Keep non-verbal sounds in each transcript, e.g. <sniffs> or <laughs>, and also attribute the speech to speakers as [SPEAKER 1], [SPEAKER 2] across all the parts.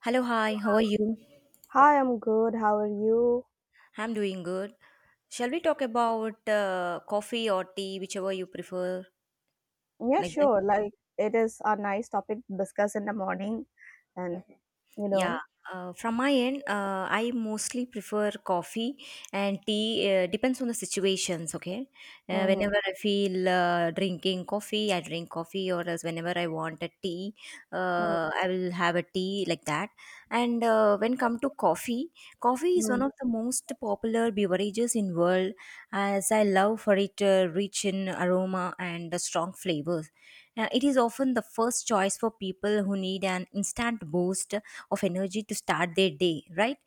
[SPEAKER 1] Hello, hi, how are you?
[SPEAKER 2] Hi, I'm good. How are you?
[SPEAKER 1] I'm doing good. Shall we talk about coffee or tea, whichever you prefer,
[SPEAKER 2] Yeah,
[SPEAKER 1] like that?
[SPEAKER 2] sure. Like, it is a nice topic to discuss in the morning, and you
[SPEAKER 1] Yeah,
[SPEAKER 2] know,
[SPEAKER 1] from my end, I mostly prefer coffee and tea. Depends on the situations, okay?
[SPEAKER 2] mm-hmm,
[SPEAKER 1] Whenever I feel drinking coffee, I drink coffee, or else whenever I want a tea, I will have a tea like that. And when come to coffee, coffee is one
[SPEAKER 2] mm-hmm.
[SPEAKER 1] of the most popular beverages in world, as I love for it rich in aroma and strong flavors. It is often the first choice for people who need an instant boost of energy to start their day, right?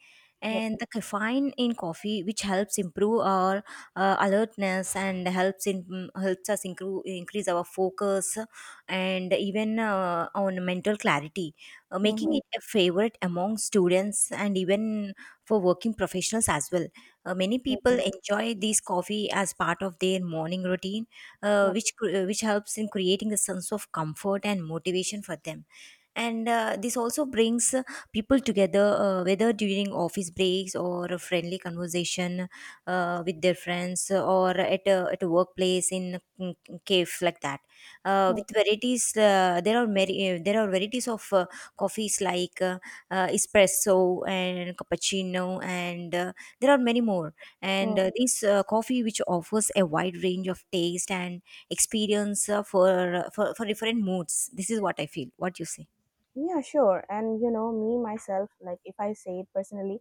[SPEAKER 2] Yep.
[SPEAKER 1] And the caffeine in coffee, which helps improve our alertness and helps in helps us increase our focus and even on mental clarity, making
[SPEAKER 2] Mhm.
[SPEAKER 1] it a favorite among students and even for working professionals as well. Many people
[SPEAKER 2] Mhm.
[SPEAKER 1] enjoy this coffee as part of their morning routine, uh,
[SPEAKER 2] Yep.
[SPEAKER 1] which cr- uh, which helps in creating a sense of comfort and motivation for them. And this also brings people together, whether during office breaks or a friendly conversation with their friends or at a workplace in a cave like that. With
[SPEAKER 2] Mm,
[SPEAKER 1] varieties, there are many, there are varieties of coffees like espresso and cappuccino, and there are many more. And
[SPEAKER 2] mm.
[SPEAKER 1] this coffee, which offers a wide range of taste and experience for different moods. This is what I feel. What you say?
[SPEAKER 2] Yeah, sure. And me myself, like if I say it personally,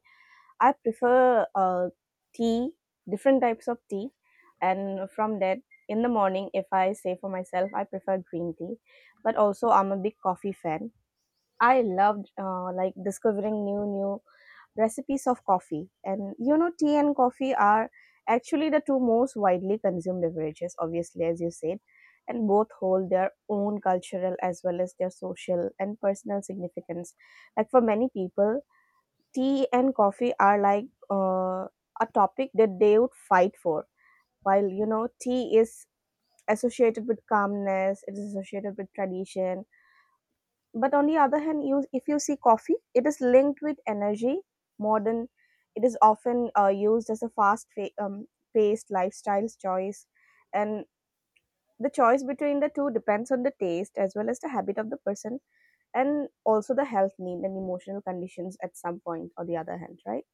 [SPEAKER 2] I prefer tea, different types of tea. And from that, in the morning, if I say for myself, I prefer green tea. But also, I'm a big coffee fan. I loved like discovering new recipes of coffee. And tea and coffee are actually the two most widely consumed beverages, obviously, as you said. And both hold their own cultural as well as their social and personal significance. Like for many people, tea and coffee are like a topic that they would fight for, while tea is associated with calmness, it is associated with tradition. But on the other hand, you, if you see coffee, it is linked with energy, modern. It is often used as a fast paced lifestyle choice, and the choice between the two depends on the taste as well as the habit of the person, and also the health need and emotional conditions at some point or the other hand, right?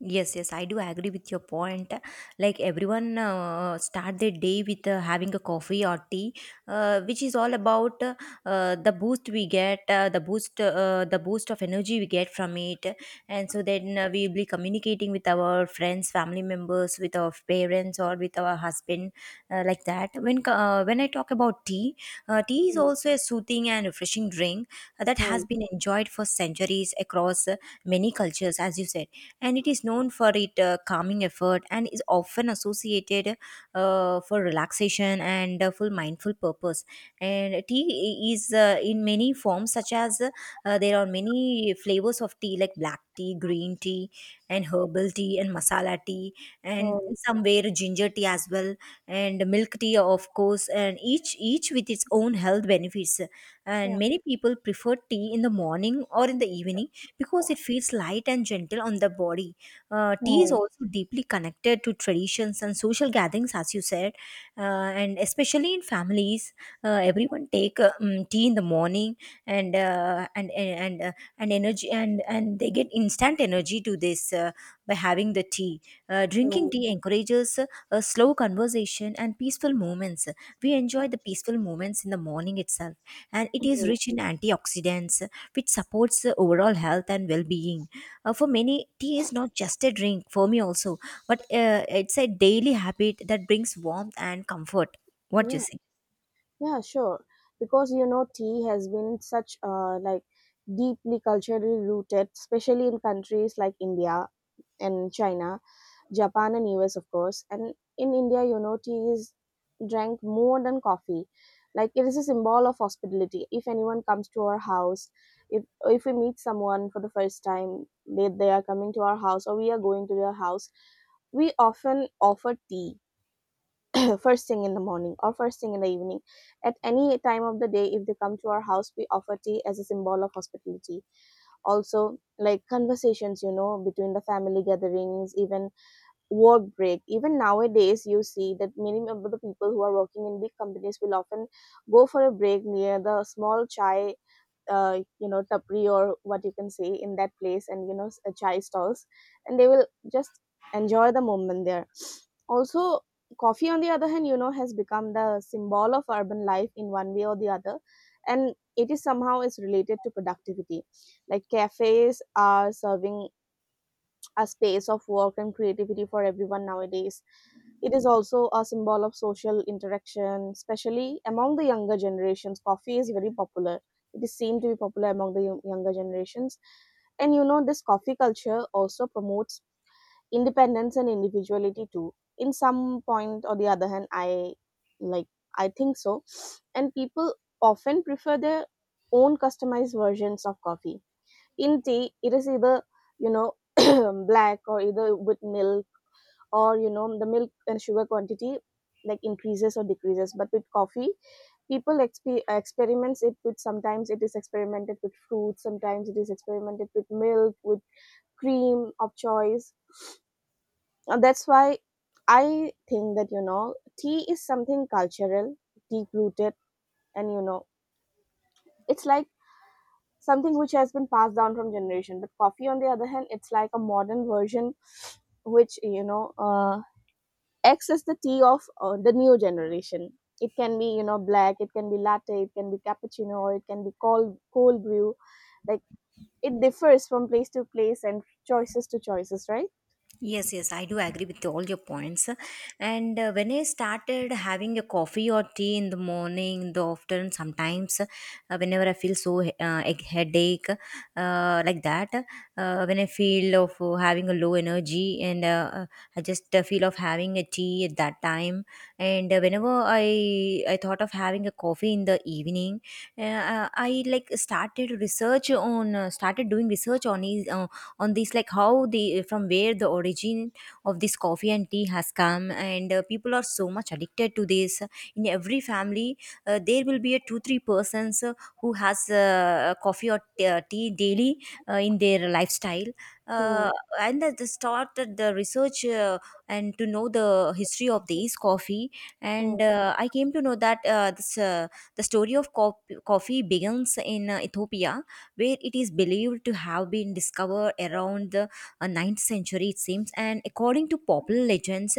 [SPEAKER 1] Yes, yes, I do agree with your point. Like everyone start their day with having a coffee or tea, which is all about the boost we get, the boost of energy we get from it, and so then we will be communicating with our friends, family members, with our parents, or with our husband, like that. When I talk about tea, tea is also a soothing and refreshing drink that
[SPEAKER 2] Hmm.
[SPEAKER 1] has been enjoyed for centuries across many cultures, as you said, and it is known for its calming effort and is often associated for relaxation and full mindful purpose, and tea is in many forms such as there are many flavors of tea like black tea, green tea, and herbal tea, and masala tea, and
[SPEAKER 2] Mm,
[SPEAKER 1] somewhere ginger tea as well, and milk tea of course, and each with its own health benefits. And
[SPEAKER 2] yeah.
[SPEAKER 1] many people prefer tea in the morning or in the evening because it feels light and gentle on the body. Tea is
[SPEAKER 2] Mm,
[SPEAKER 1] also deeply connected to traditions and social gatherings, as you said, and especially in families, everyone take tea in the morning, and energy, and they get instant energy to this by having the tea. Drinking
[SPEAKER 2] mm,
[SPEAKER 1] tea encourages a slow conversation and peaceful moments. We enjoy the peaceful moments in the morning itself, and it is
[SPEAKER 2] mm.
[SPEAKER 1] rich in antioxidants, which supports the overall health and well being. For many, tea is not just a drink, for me also, but it's a daily habit that brings warmth and comfort. What do you
[SPEAKER 2] Yeah,
[SPEAKER 1] say?
[SPEAKER 2] yeah, sure. Because tea has been such like deeply culturally rooted, especially in countries like India and China. Japan and US, of course. And in India, tea is drank more than coffee. Like it is a symbol of hospitality. If anyone comes to our house, if we meet someone for the first time, they are coming to our house or we are going to their house, we often offer tea <clears throat> first thing in the morning or first thing in the evening. At any time of the day, if they come to our house, we offer tea as a symbol of hospitality. Also, like conversations, between the family gatherings, even work break, even nowadays you see that many of the people who are working in big companies will often go for a break near the small chai tapri, or what you can say in that place, and chai stalls, and they will just enjoy the moment there. <sniffs> Also, coffee on the other hand, has become the symbol of urban life in one way or the other, and it is somehow is related to productivity. Like cafes are serving a space of work and creativity for everyone nowadays. It is also a symbol of social interaction, especially among the younger generations. Coffee is very popular. It is seen to be popular among the younger generations. And this coffee culture also promotes independence and individuality too. In some point or the other hand, I, like, I think so. And people often prefer their own customized versions of coffee. In tea, it is either you know <clears throat> black or either with milk, or the milk and sugar quantity like increases or decreases. But with coffee, people experiments it with, sometimes it is experimented with fruit, sometimes it is experimented with milk, with cream of choice. And that's why I think that tea is something cultural, deep rooted, and it's like something which has been passed down from generation. But coffee on the other hand, it's like a modern version which you know X is the tea of the new generation. It can be black, it can be latte, it can be cappuccino, or it can be cold brew. Like it differs from place to place and choices to choices, right?
[SPEAKER 1] Yes, yes, I do agree with all your points. And when I started having a coffee or tea in the morning, in the afternoon, sometimes, whenever I feel so a headache, like that, when I feel of having a low energy, and I just feel of having a tea at that time, and whenever I thought of having a coffee in the evening, I like started research on started doing research on it on this, like how the, from where the origin of this coffee and tea has come, and people are so much addicted to this. In every family there will be a 2 3 persons who has tea daily in their lifestyle, uh,
[SPEAKER 2] Hmm.
[SPEAKER 1] and that they started the research, and to know the history of these coffee.
[SPEAKER 2] Hmm.
[SPEAKER 1] And I came to know that this, the story of co- coffee begins in Ethiopia, where it is believed to have been discovered around the 9th century, it seems. And according to popular legends,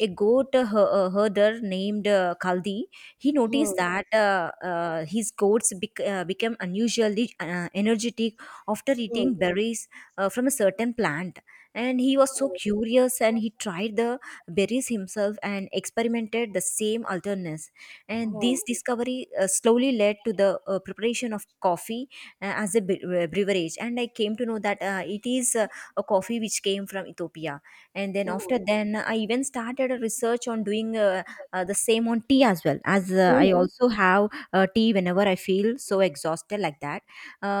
[SPEAKER 1] a goat herder named Kaldi, he noticed
[SPEAKER 2] Hmm.
[SPEAKER 1] that his goats became unusually energetic after
[SPEAKER 2] Hmm.
[SPEAKER 1] eating berries from a certain plant. And he was so curious and he tried the berries himself and experimented the same alternates. And
[SPEAKER 2] Hmm.
[SPEAKER 1] this discovery slowly led to the preparation of coffee as a beverage, and I came to know that it is a coffee which came from Ethiopia. And then, after
[SPEAKER 2] Hmm.
[SPEAKER 1] then, I even started a research on doing the same on tea as well. As I
[SPEAKER 2] Hmm.
[SPEAKER 1] also have tea whenever I feel so exhausted like that.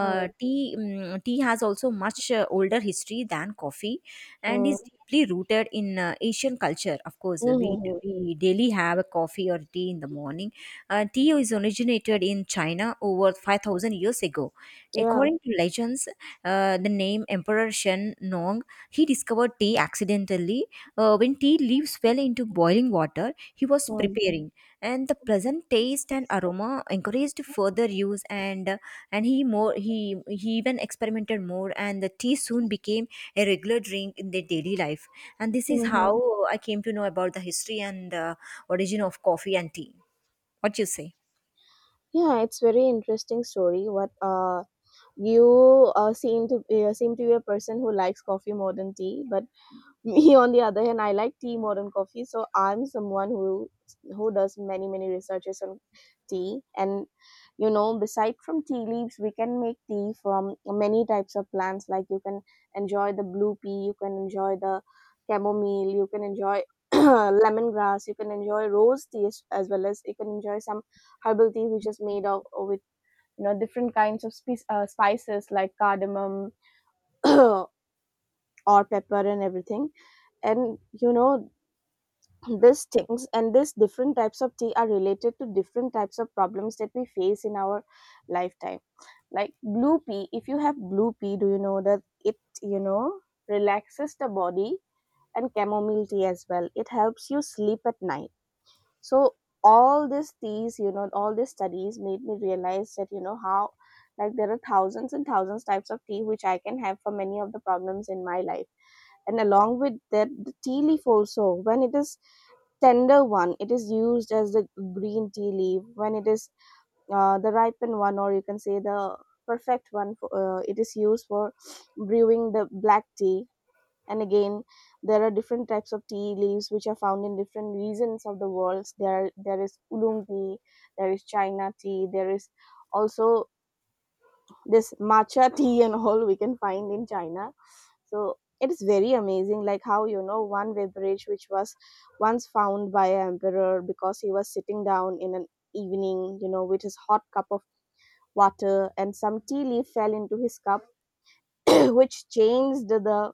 [SPEAKER 2] Hmm.
[SPEAKER 1] tea mm tea has also much older history than coffee, and
[SPEAKER 2] Hmm.
[SPEAKER 1] is deeply rooted in Asian culture. Of course,
[SPEAKER 2] Hmm. Hmm.
[SPEAKER 1] we daily have a coffee or tea in the morning. Tea is originated in China over 5,000 years ago.
[SPEAKER 2] Yeah.
[SPEAKER 1] According to legends, the name Emperor Shen Nong, he discovered tea accidentally. When tea leaves fell into boiling water, he was
[SPEAKER 2] Hmm.
[SPEAKER 1] preparing, and the pleasant taste and aroma encouraged further use. And he even experimented more, and the tea soon became a regular drink in their daily life. And this is how
[SPEAKER 2] Hmm.
[SPEAKER 1] I came to know about the history and origin of coffee and tea. What you say?
[SPEAKER 2] Yeah, it's very interesting story. What You seem to be a person who likes coffee more than tea, but me on the other hand, I like tea more than coffee. So I'm someone who does many many researches on tea. And beside from tea leaves, we can make tea from many types of plants. Like you can enjoy the blue pea, you can enjoy the chamomile, you can enjoy <clears throat> lemongrass, you can enjoy rose tea, as well as you can enjoy some herbal tea, which is made of with different kinds of spices like cardamom <clears throat> or pepper and everything. And these things and these different types of tea are related to different types of problems that we face in our lifetime. Like blue pea, if you have blue pea, do you know that it, you know relaxes the body? And chamomile tea as well, it helps you sleep at night. So all these teas, all these studies made me realize that how, like, there are thousands and thousands types of tea which I can have for many of the problems in my life. And along with that, the tea leaf also, when it is tender one, it is used as the green tea leaf. When it is the ripened one, or you can say the perfect one for, it is used for brewing the black tea. And again, there are different types of tea leaves which are found in different regions of the world. There is oolong tea, there is China tea, there is also this matcha <laughs> tea, and all we can find in China. So it is very amazing, like how, one beverage which was once found by an emperor because he was sitting down in an evening, with his hot cup of water, and some tea leaf fell into his cup, <clears throat> which changed the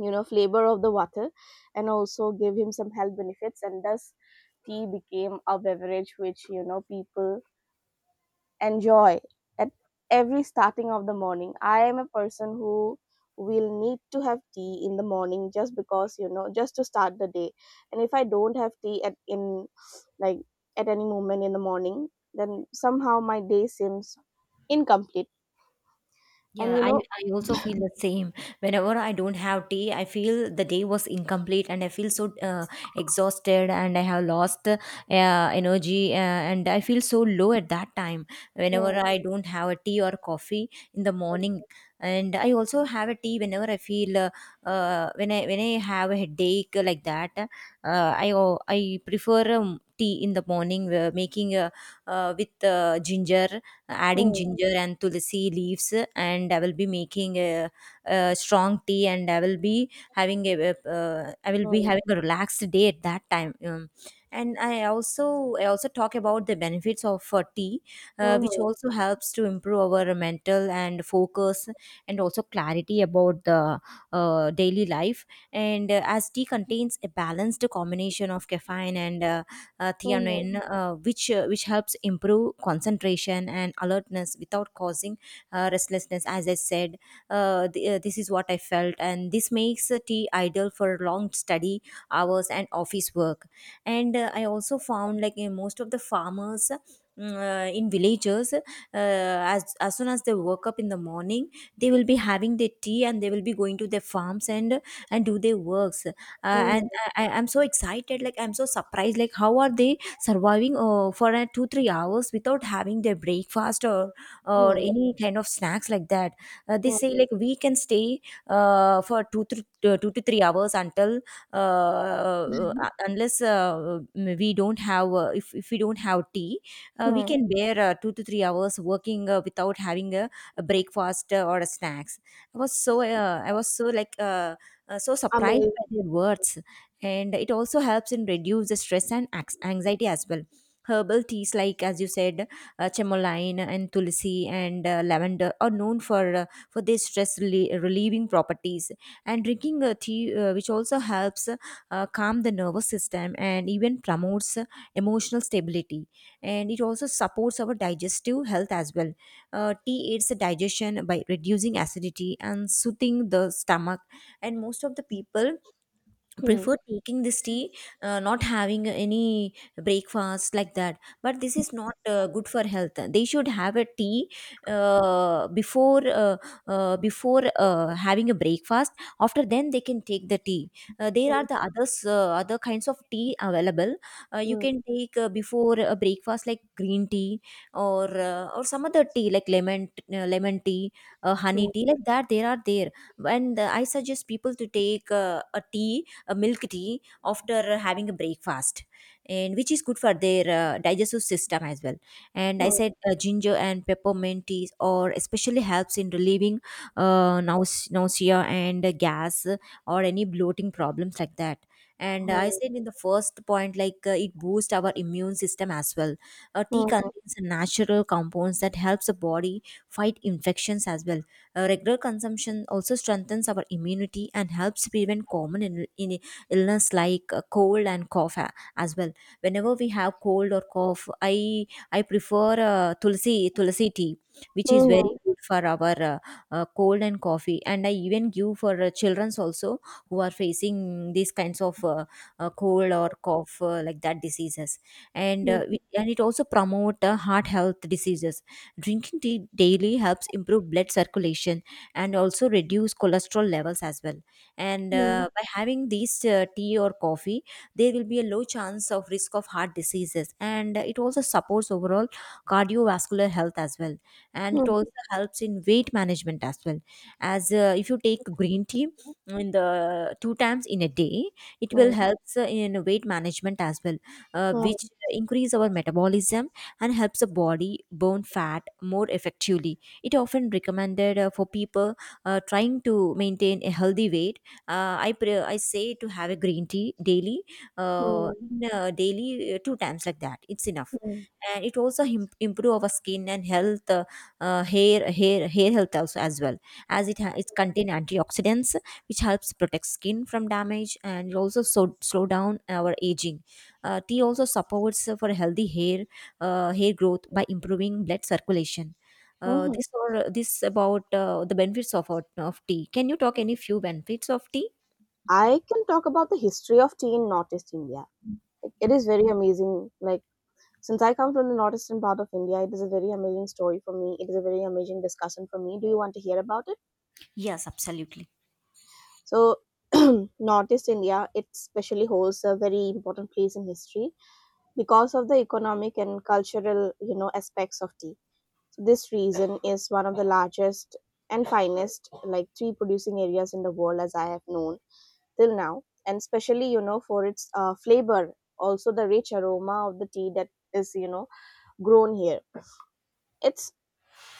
[SPEAKER 2] flavor of the water, and also gave him some health benefits. And thus tea became a beverage which people and joy at every starting of the morning. I am a person who will need to have tea in the morning just because just to start the day. And if I don't have tea at in, like, at any moment in the morning, then somehow my day seems incomplete. And
[SPEAKER 1] Yeah, I also feel the same. Whenever I don't have tea, I feel the day was incomplete and I feel so exhausted, and I have lost energy, and I feel so low at that time. Whenever
[SPEAKER 2] mm,
[SPEAKER 1] I don't have a tea or coffee in the morning, and I also have a tea whenever I feel when I have a headache like that, I prefer tea in the morning, making with ginger adding
[SPEAKER 2] mm,
[SPEAKER 1] ginger and tulsi leaves, and I will be making a strong tea, and I will be having
[SPEAKER 2] mm,
[SPEAKER 1] a relaxed day at that time. And I also, I also talk about the benefits of tea, which
[SPEAKER 2] mhm,
[SPEAKER 1] also helps to improve our mental and focus, and also clarity about the daily life. And as tea contains a balanced combination of caffeine and
[SPEAKER 2] mhm,
[SPEAKER 1] theanine, uh, which helps improve concentration and alertness without causing restlessness. As I said, this is what I felt, and this makes tea ideal for long study hours and office work. And I also found like in most of the farmers. In villages, as soon as they woke up in the morning, they will be having their tea and they will be going to their farms and do their works, uh,
[SPEAKER 2] mhm,
[SPEAKER 1] and I, I- I'm so excited, like I'm so surprised, like how are they surviving for 2 3 hours without having their breakfast or
[SPEAKER 2] mhm,
[SPEAKER 1] any kind of snacks like that. They say
[SPEAKER 2] హ్మ్.
[SPEAKER 1] like we can stay for 2 3 2 to 3 hours until uh, unless we don't have if we don't have tea, we
[SPEAKER 2] హ్మ్.
[SPEAKER 1] can bear 2 to 3 hours working without having a breakfast or a snacks. I was so I was so like so surprised
[SPEAKER 2] amaze.
[SPEAKER 1] by their words. And it also helps in reduce the stress and anxiety as well. Herbal teas, like as you said, chamomile and tulsi and lavender are known for their stress relieving properties, and drinking a tea which also helps calm the nervous system and even promotes emotional stability. And it also supports our digestive health as well. Tea aids the digestion by reducing acidity and soothing the stomach, and most of the people
[SPEAKER 2] హ్మ్.
[SPEAKER 1] prefer taking this tea, not having any breakfast like that. But this is not good for health. They should have a tea uh, before uh, before having a breakfast. After then they can take the tea. There are
[SPEAKER 2] హ్మ్.
[SPEAKER 1] the others, other kinds of tea available, you
[SPEAKER 2] హ్మ్.
[SPEAKER 1] can take before a breakfast, like green tea, or or some other tea, like lemon, lemon tea, honey
[SPEAKER 2] హ్మ్.
[SPEAKER 1] tea, like that there are there. And I suggest people to take a tea a milk tea after having a breakfast, and which is good for their digestive system as well. And I
[SPEAKER 2] హ్మ్.
[SPEAKER 1] said ginger and peppermint teas or especially helps in relieving nausea and gas, or any bloating problems like that. And I
[SPEAKER 2] హ్మ్.
[SPEAKER 1] said in the first point like it boosts our immune system as well. Tea
[SPEAKER 2] హ్మ్.
[SPEAKER 1] contains natural compounds that helps the body fight infections as well. Regular consumption also strengthens our immunity and helps prevent common in illness like cold and cough as well. Whenever we have cold or cough, I prefer tulsi tea, which is
[SPEAKER 2] హ్మ్.
[SPEAKER 1] very
[SPEAKER 2] హ్మ్.
[SPEAKER 1] good for our cold and coffee. And I even give for children's also, who are facing these kinds of cold or cough like that diseases. And
[SPEAKER 2] హ్మ్. హ్మ్.
[SPEAKER 1] and it also promote heart health diseases. Drinking tea daily helps improve blood circulation and also reduce cholesterol levels as well. And
[SPEAKER 2] హ్మ్.
[SPEAKER 1] by having these tea or coffee, there will be a low chance of risk of heart diseases, and it also supports overall cardiovascular health as well. And it
[SPEAKER 2] హ్మ్.
[SPEAKER 1] also helps in weight management as well. As if you take green tea in the two times in a day, it will help in weight management as well, which increase our metabolism and helps the body burn fat more effectively. It often recommended for people trying to maintain a healthy weight. I say to have a green tea daily, daily two times like that. It's enough. And it also improve our skin and health, hair health also as well, as it contain antioxidants which helps protect skin from damage, and it also slow down our aging. Tea also supports for healthy hair hair growth by improving blood circulation.
[SPEAKER 2] Mhm.
[SPEAKER 1] This about the benefits of, of tea. Can you talk any few benefits of tea?
[SPEAKER 2] I can talk about the history of tea in Northeast India. Like, it is very amazing. Like, since I come from the northeastern part of India, it is a very amazing story for me. It is a very amazing discussion for me. Do you want to hear about it?
[SPEAKER 1] Yes, absolutely.
[SPEAKER 2] So, <clears throat> Northeast India, it especially holds a very important place in history because of the economic and cultural, aspects of tea. So, this region is one of the largest and finest, like tea producing areas in the world, as I have known till now, and especially, for its flavor, also the rich aroma of the tea that is, grown here. It's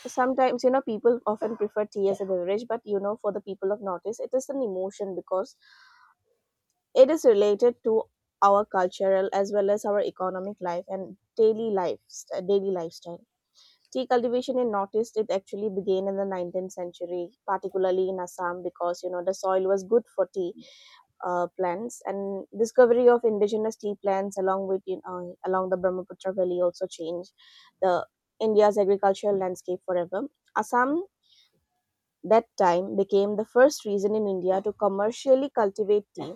[SPEAKER 2] sometimes, people often prefer tea as a beverage. But for the people of Northeast, it is an emotion because it is related to our cultural as well as our economic life and daily life, daily lifestyle. Tea cultivation in Northeast, it actually began in the 19th century, particularly in Assam, because the soil was good for tea plants, and discovery of indigenous tea plants along with you know, along the Brahmaputra Valley also changed the India's agricultural landscape forever. Assam that time became the first region in India to commercially cultivate tea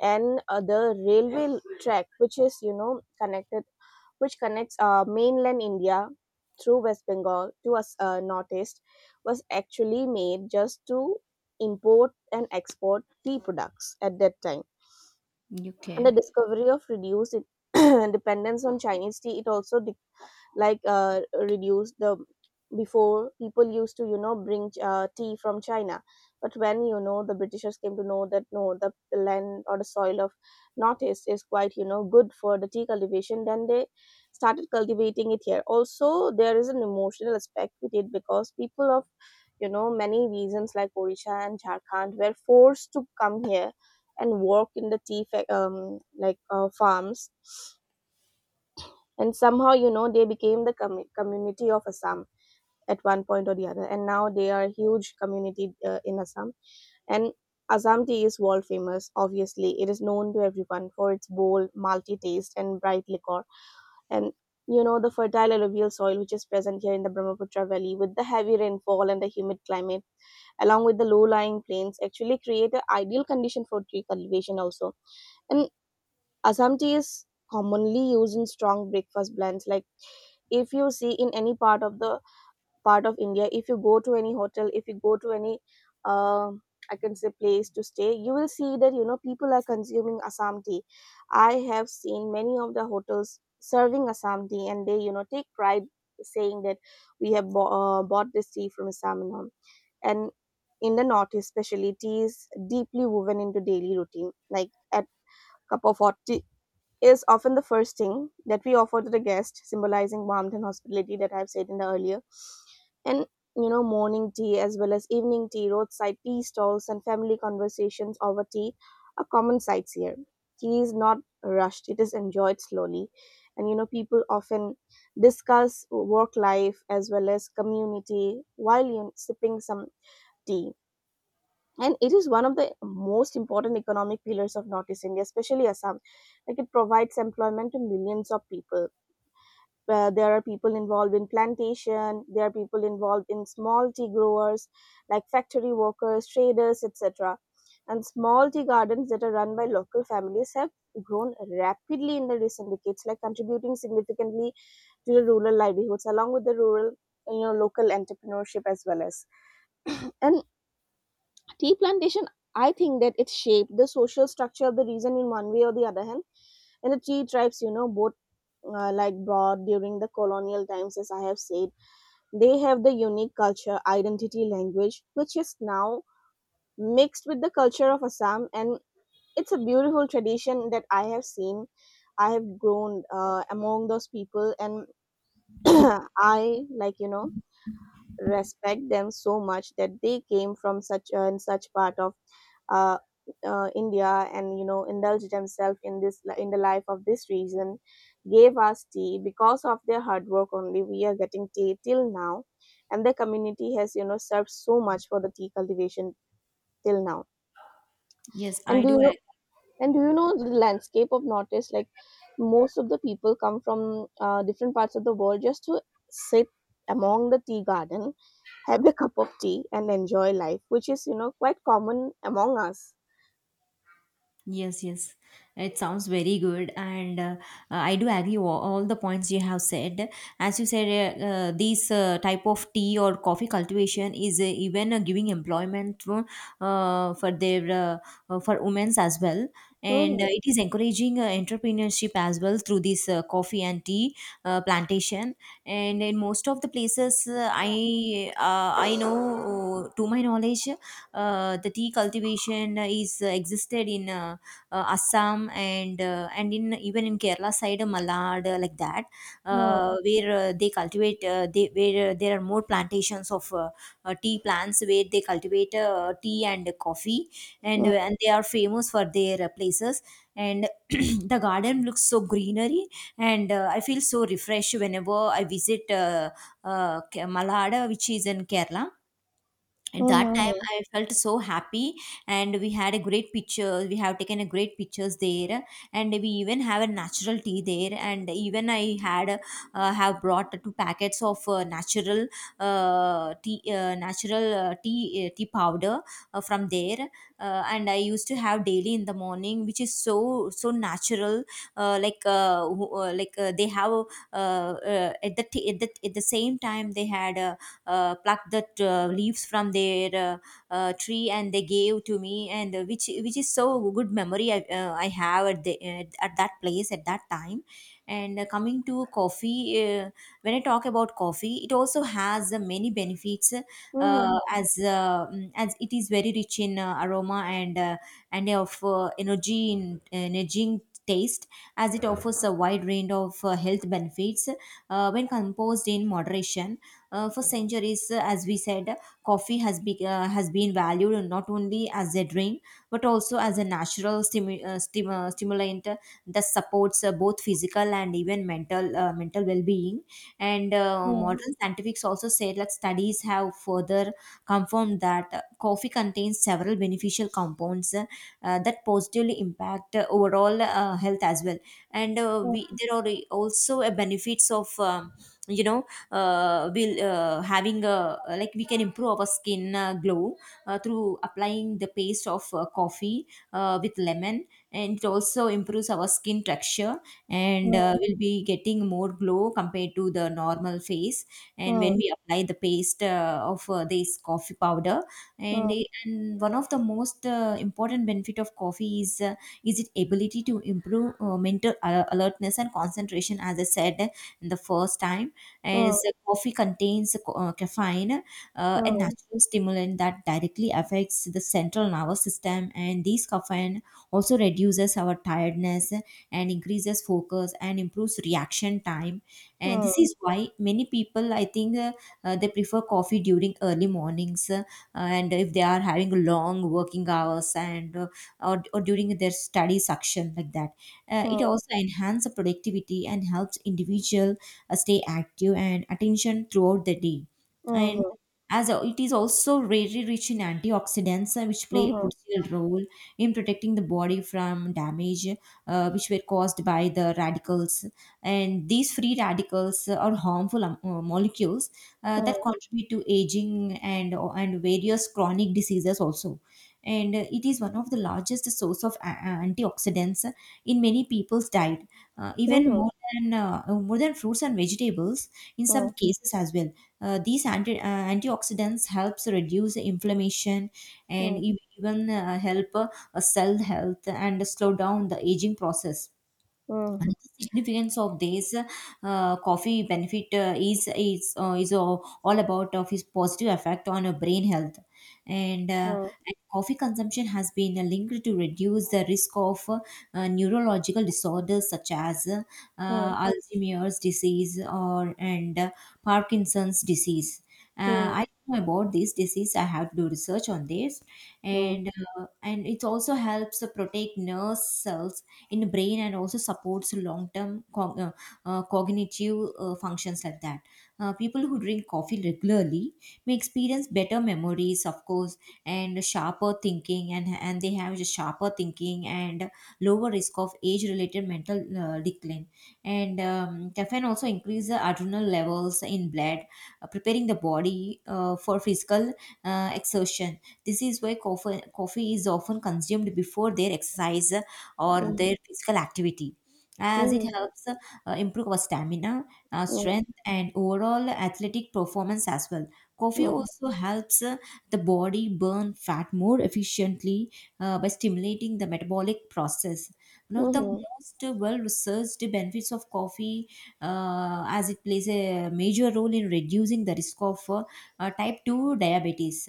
[SPEAKER 2] and the railway track which is you know connected which connects mainland India through West Bengal to us Northeast was actually made just to import and export tea products at that time. And
[SPEAKER 1] Okay.
[SPEAKER 2] the discovery of reduced <clears throat> dependence on Chinese tea, it also like reduce the, before people used to you know bring tea from China. But when you know the Britishers came to know that no, the land or the soil of Northeast is quite you know good for the tea cultivation, then they started cultivating it here also. There is an emotional aspect with it because people of you know many reasons like Orisha and Jharkhand were forced to come here and work in the tea farms, and somehow you know they became the community of Assam at one point or the other, and now they are a huge community in Assam. And Assam tea is world famous, obviously it is known to everyone for its bold multi taste and bright liquor. And you know the fertile alluvial soil which is present here in the Brahmaputra Valley with the heavy rainfall and the humid climate along with the low lying plains actually create an ideal condition for tree cultivation also. And Assam tea is commonly used in strong breakfast blends, like if you see in any part of the part of India, if you go to any hotel, if you go to any um I can say place to stay, you will see that you know people are consuming Assam tea. I have seen many of the hotels serving Assam tea, and they you know take pride saying that we have bought this tea from Assam and all. And in the north especially, tea is deeply woven into daily routine, like at cup of hot tea is often the first thing that we offer to the guest, symbolizing warmth and hospitality that I've said in the earlier. And you know, morning tea as well as evening tea, roadside tea stalls, and family conversations over tea are common sights here. Tea is not rushed, it is enjoyed slowly. And you know, people often discuss work life as well as community while you sipping some tea. And it is one of the most important economic pillars of Northeast India, especially Assam. Like it provides employment to millions of people, where there are people involved in plantation, there are people involved in small tea growers, like factory workers, traders, etc. And small tea gardens that are run by local families have grown rapidly in the recent decades, like contributing significantly to the rural livelihoods along with the rural you know local entrepreneurship as well as <clears throat> and tea plantation, I think that it shaped the social structure of the region in one way or the other hand. And the tea tribes you know both like brought during the colonial times, as I have said, they have the unique culture identity language which is now mixed with the culture of Assam. And it's a beautiful tradition that I have seen. I have grown among those people. And <clears throat> I like you know respect them so much, that they came from such and such part of uh, India, and you know indulged themselves in this, in the life of this region, gave us tea, because of their hard work only we are getting tea till now, and the community has you know served so much for the tea cultivation till now.
[SPEAKER 1] Yes,
[SPEAKER 2] And
[SPEAKER 1] I
[SPEAKER 2] do you
[SPEAKER 1] do.
[SPEAKER 2] know,
[SPEAKER 1] Ag-
[SPEAKER 2] and do you know the landscape of North, like most of the people come from different parts of the world just to sit among the tea garden, have a cup of tea, and enjoy life, which is you know quite common among us.
[SPEAKER 1] yes, yes. It sounds very good, and I do agree all the points you have said. As you said, this type of tea or coffee cultivation is even giving employment through, for their for women's as well. Well, and
[SPEAKER 2] Mm-hmm.
[SPEAKER 1] it is encouraging entrepreneurship as well through this coffee and tea plantation. And in most of the places I know, to my knowledge, the tea cultivation is existed in Assam and in even in Kerala side, Malad like that,
[SPEAKER 2] Mm.
[SPEAKER 1] where they cultivate they where there are more plantations of tea plants where they cultivate tea and coffee,
[SPEAKER 2] Mm.
[SPEAKER 1] and they are famous for their places. And <clears throat> the garden looks so greenery, and I feel so refreshed whenever I visit Malad, which is in Kerala. At that time
[SPEAKER 2] Mhm.
[SPEAKER 1] I felt so happy, and we had a great picture, we have taken a great pictures there. And we even have a natural tea there, and even I had have brought two packets of natural tea natural tea tea powder from there, and I used to have daily in the morning, which is so so natural, like they have at the same time they had plucked the leaves from their tree, and they gave to me. And which is so good memory I have at the at that place at that time. And coming to coffee, when I talk about coffee, it also has many benefits
[SPEAKER 2] Mhm.
[SPEAKER 1] as it is very rich in aroma and of energy in energizing taste, as it offers a wide range of health benefits when composed in moderation. For centuries, as we said, coffee has been valued not only as a drink, but also as a natural stimulant that supports both physical and even mental well-being. And
[SPEAKER 2] Mm.
[SPEAKER 1] modern scientifics also said like studies have further confirmed that coffee contains several beneficial compounds that positively impact overall health as well. And
[SPEAKER 2] Mm.
[SPEAKER 1] we there are also a benefits of you know we'll having a, like, we can improve our skin glow through applying the paste of coffee with lemon. And it also improves our skin texture, and
[SPEAKER 2] Mm.
[SPEAKER 1] we'll be getting more glow compared to the normal face, and when we apply the paste of this coffee powder. And
[SPEAKER 2] Mm.
[SPEAKER 1] and one of the most important benefit of coffee is its ability to improve mental alertness and concentration, as I said in the first time.
[SPEAKER 2] Mm.
[SPEAKER 1] As coffee contains caffeine, a
[SPEAKER 2] Mm.
[SPEAKER 1] natural stimulant that directly affects the central nervous system, and this caffeine also reduces our tiredness and increases focus and improves reaction time. And
[SPEAKER 2] Mm.
[SPEAKER 1] this is why many people I think they prefer coffee during early mornings, and if they are having long working hours and or during their study section like that.
[SPEAKER 2] Mm. Mm.
[SPEAKER 1] It also enhances the productivity and helps individual stay active and attention throughout the day. And
[SPEAKER 2] Mhm.
[SPEAKER 1] as it is also very rich in antioxidants which play a
[SPEAKER 2] Mhm.
[SPEAKER 1] crucial role in protecting the body from damage which were caused by the radicals. And these free radicals are harmful molecules that
[SPEAKER 2] Mm.
[SPEAKER 1] contribute to aging and various chronic diseases also. And it is one of the largest source of antioxidants in many people's diet, even
[SPEAKER 2] Mhm.
[SPEAKER 1] more than fruits and vegetables in some
[SPEAKER 2] Mm.
[SPEAKER 1] cases as well. Antioxidants helps reduce inflammation and
[SPEAKER 2] Mm.
[SPEAKER 1] even help cell health and slow down the aging process.
[SPEAKER 2] Mhm.
[SPEAKER 1] Another significance of this coffee benefit is all about of its positive effect on brain health, and, uh,
[SPEAKER 2] Mm.
[SPEAKER 1] and coffee consumption has been linked to reduce the risk of neurological disorders such as Alzheimer's disease or and Parkinson's disease.
[SPEAKER 2] Mm. Mm.
[SPEAKER 1] Uh,
[SPEAKER 2] Mm.
[SPEAKER 1] I don't know about this disease. I have to do research on this, and and it also helps to protect nerve cells in the brain, and also supports long term cognitive functions like that. People who drink coffee regularly may experience better memories, of course, and sharper thinking. And lower risk of age related mental decline. And caffeine also increases the adrenal levels in blood, preparing the body for physical exertion. This is why coffee is often consumed before their exercise or
[SPEAKER 2] Mm.
[SPEAKER 1] their physical activity, as it
[SPEAKER 2] Mm.
[SPEAKER 1] helps improve our stamina,
[SPEAKER 2] Mm. Mm.
[SPEAKER 1] strength, and overall athletic performance as well. Coffee
[SPEAKER 2] Mm.
[SPEAKER 1] also helps the body burn fat more efficiently by stimulating the metabolic process. One of the
[SPEAKER 2] Mhm.
[SPEAKER 1] most well researched benefits of coffee, as it plays a major role in reducing the risk of type 2 diabetes.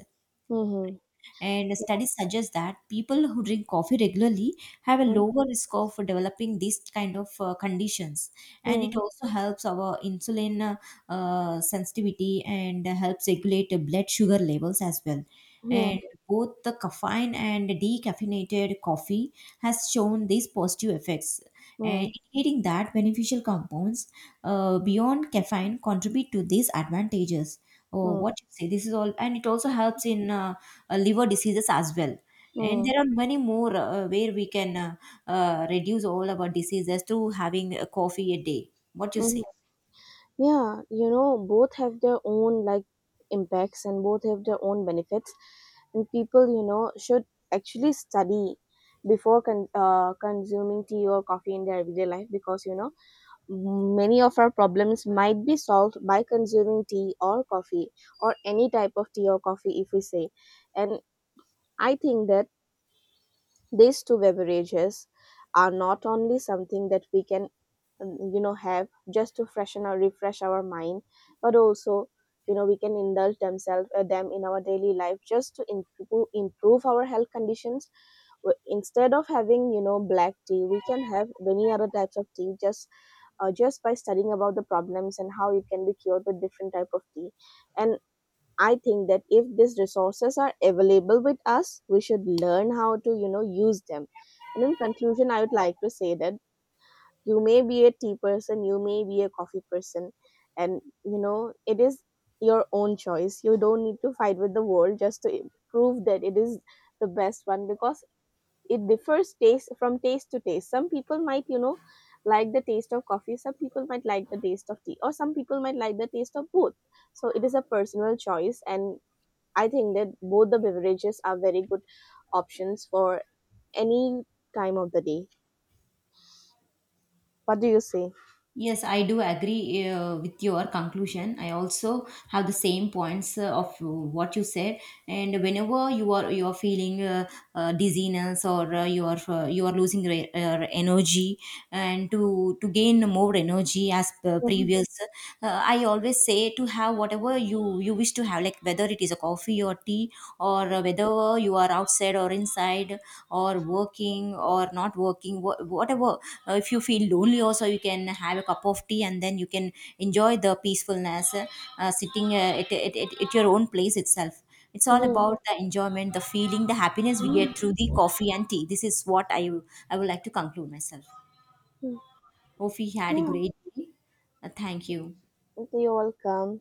[SPEAKER 2] Mhm.
[SPEAKER 1] And studies suggest that people who drink coffee regularly have a
[SPEAKER 2] Mhm.
[SPEAKER 1] lower risk of developing these kind of conditions. And
[SPEAKER 2] Mhm.
[SPEAKER 1] it also helps our insulin sensitivity and helps regulate the blood sugar levels as well. And
[SPEAKER 2] Mhm.
[SPEAKER 1] both the caffeine and decaffeinated coffee has shown these positive effects, and
[SPEAKER 2] Mhm.
[SPEAKER 1] indicating that beneficial compounds beyond caffeine contribute to these advantages. Oh,
[SPEAKER 2] Mhm.
[SPEAKER 1] what you say. This is all, and it also helps in liver diseases as well. And there
[SPEAKER 2] Mhm.
[SPEAKER 1] are many more where we can reduce all our diseases to having a coffee a day. What you
[SPEAKER 2] Mhm.
[SPEAKER 1] say?
[SPEAKER 2] Yeah, you know, both have their own like impacts, and both have their own benefits. And people, you know, should actually study before consuming tea or coffee in their everyday life, because you know many of our problems might be solved by consuming tea or coffee, or any type of tea or coffee if we say. And I think that these two beverages are not only something that we can you know have just to freshen or refresh our mind, but also you know we can indulge themselves them in our daily life just to improve our health conditions. Instead of having you know black tea, we can have many other types of tea, just by studying about the problems and how it can be cured with different type of tea. And I think that if these resources are available with us, we should learn how to, you know, use them. And in conclusion, I would like to say that you may be a tea person, you may be a coffee person, and you know, it is your own choice. You don't need to fight with the world just to prove that it is the best one, because it differs taste from taste to taste. Some people might, you know, like the taste of coffee, some people might like the taste of tea, or some people might like the taste of both. So it is a personal choice, and I think that both the beverages are very good options for any time of the day. What do you say?
[SPEAKER 1] Yes, I do agree with your conclusion. I also have the same points of what you said. And whenever you are feeling dizziness, or you are losing energy, and to gain more energy as per
[SPEAKER 2] Mhm.
[SPEAKER 1] previous, I always say to have whatever you wish to have, like whether it is a coffee or tea, or whether you are outside or inside, or working or not working, whatever. If you feel lonely also, you can have a cup of tea, and then you can enjoy the peacefulness, sitting at your own place itself. It's all about
[SPEAKER 2] Mhm.
[SPEAKER 1] the enjoyment, the feeling, the happiness we get through
[SPEAKER 2] Mhm.
[SPEAKER 1] the coffee and tea. This is what I would like to conclude myself. Hope we had a
[SPEAKER 2] Yeah,
[SPEAKER 1] great day. Thank you.
[SPEAKER 2] you're welcome.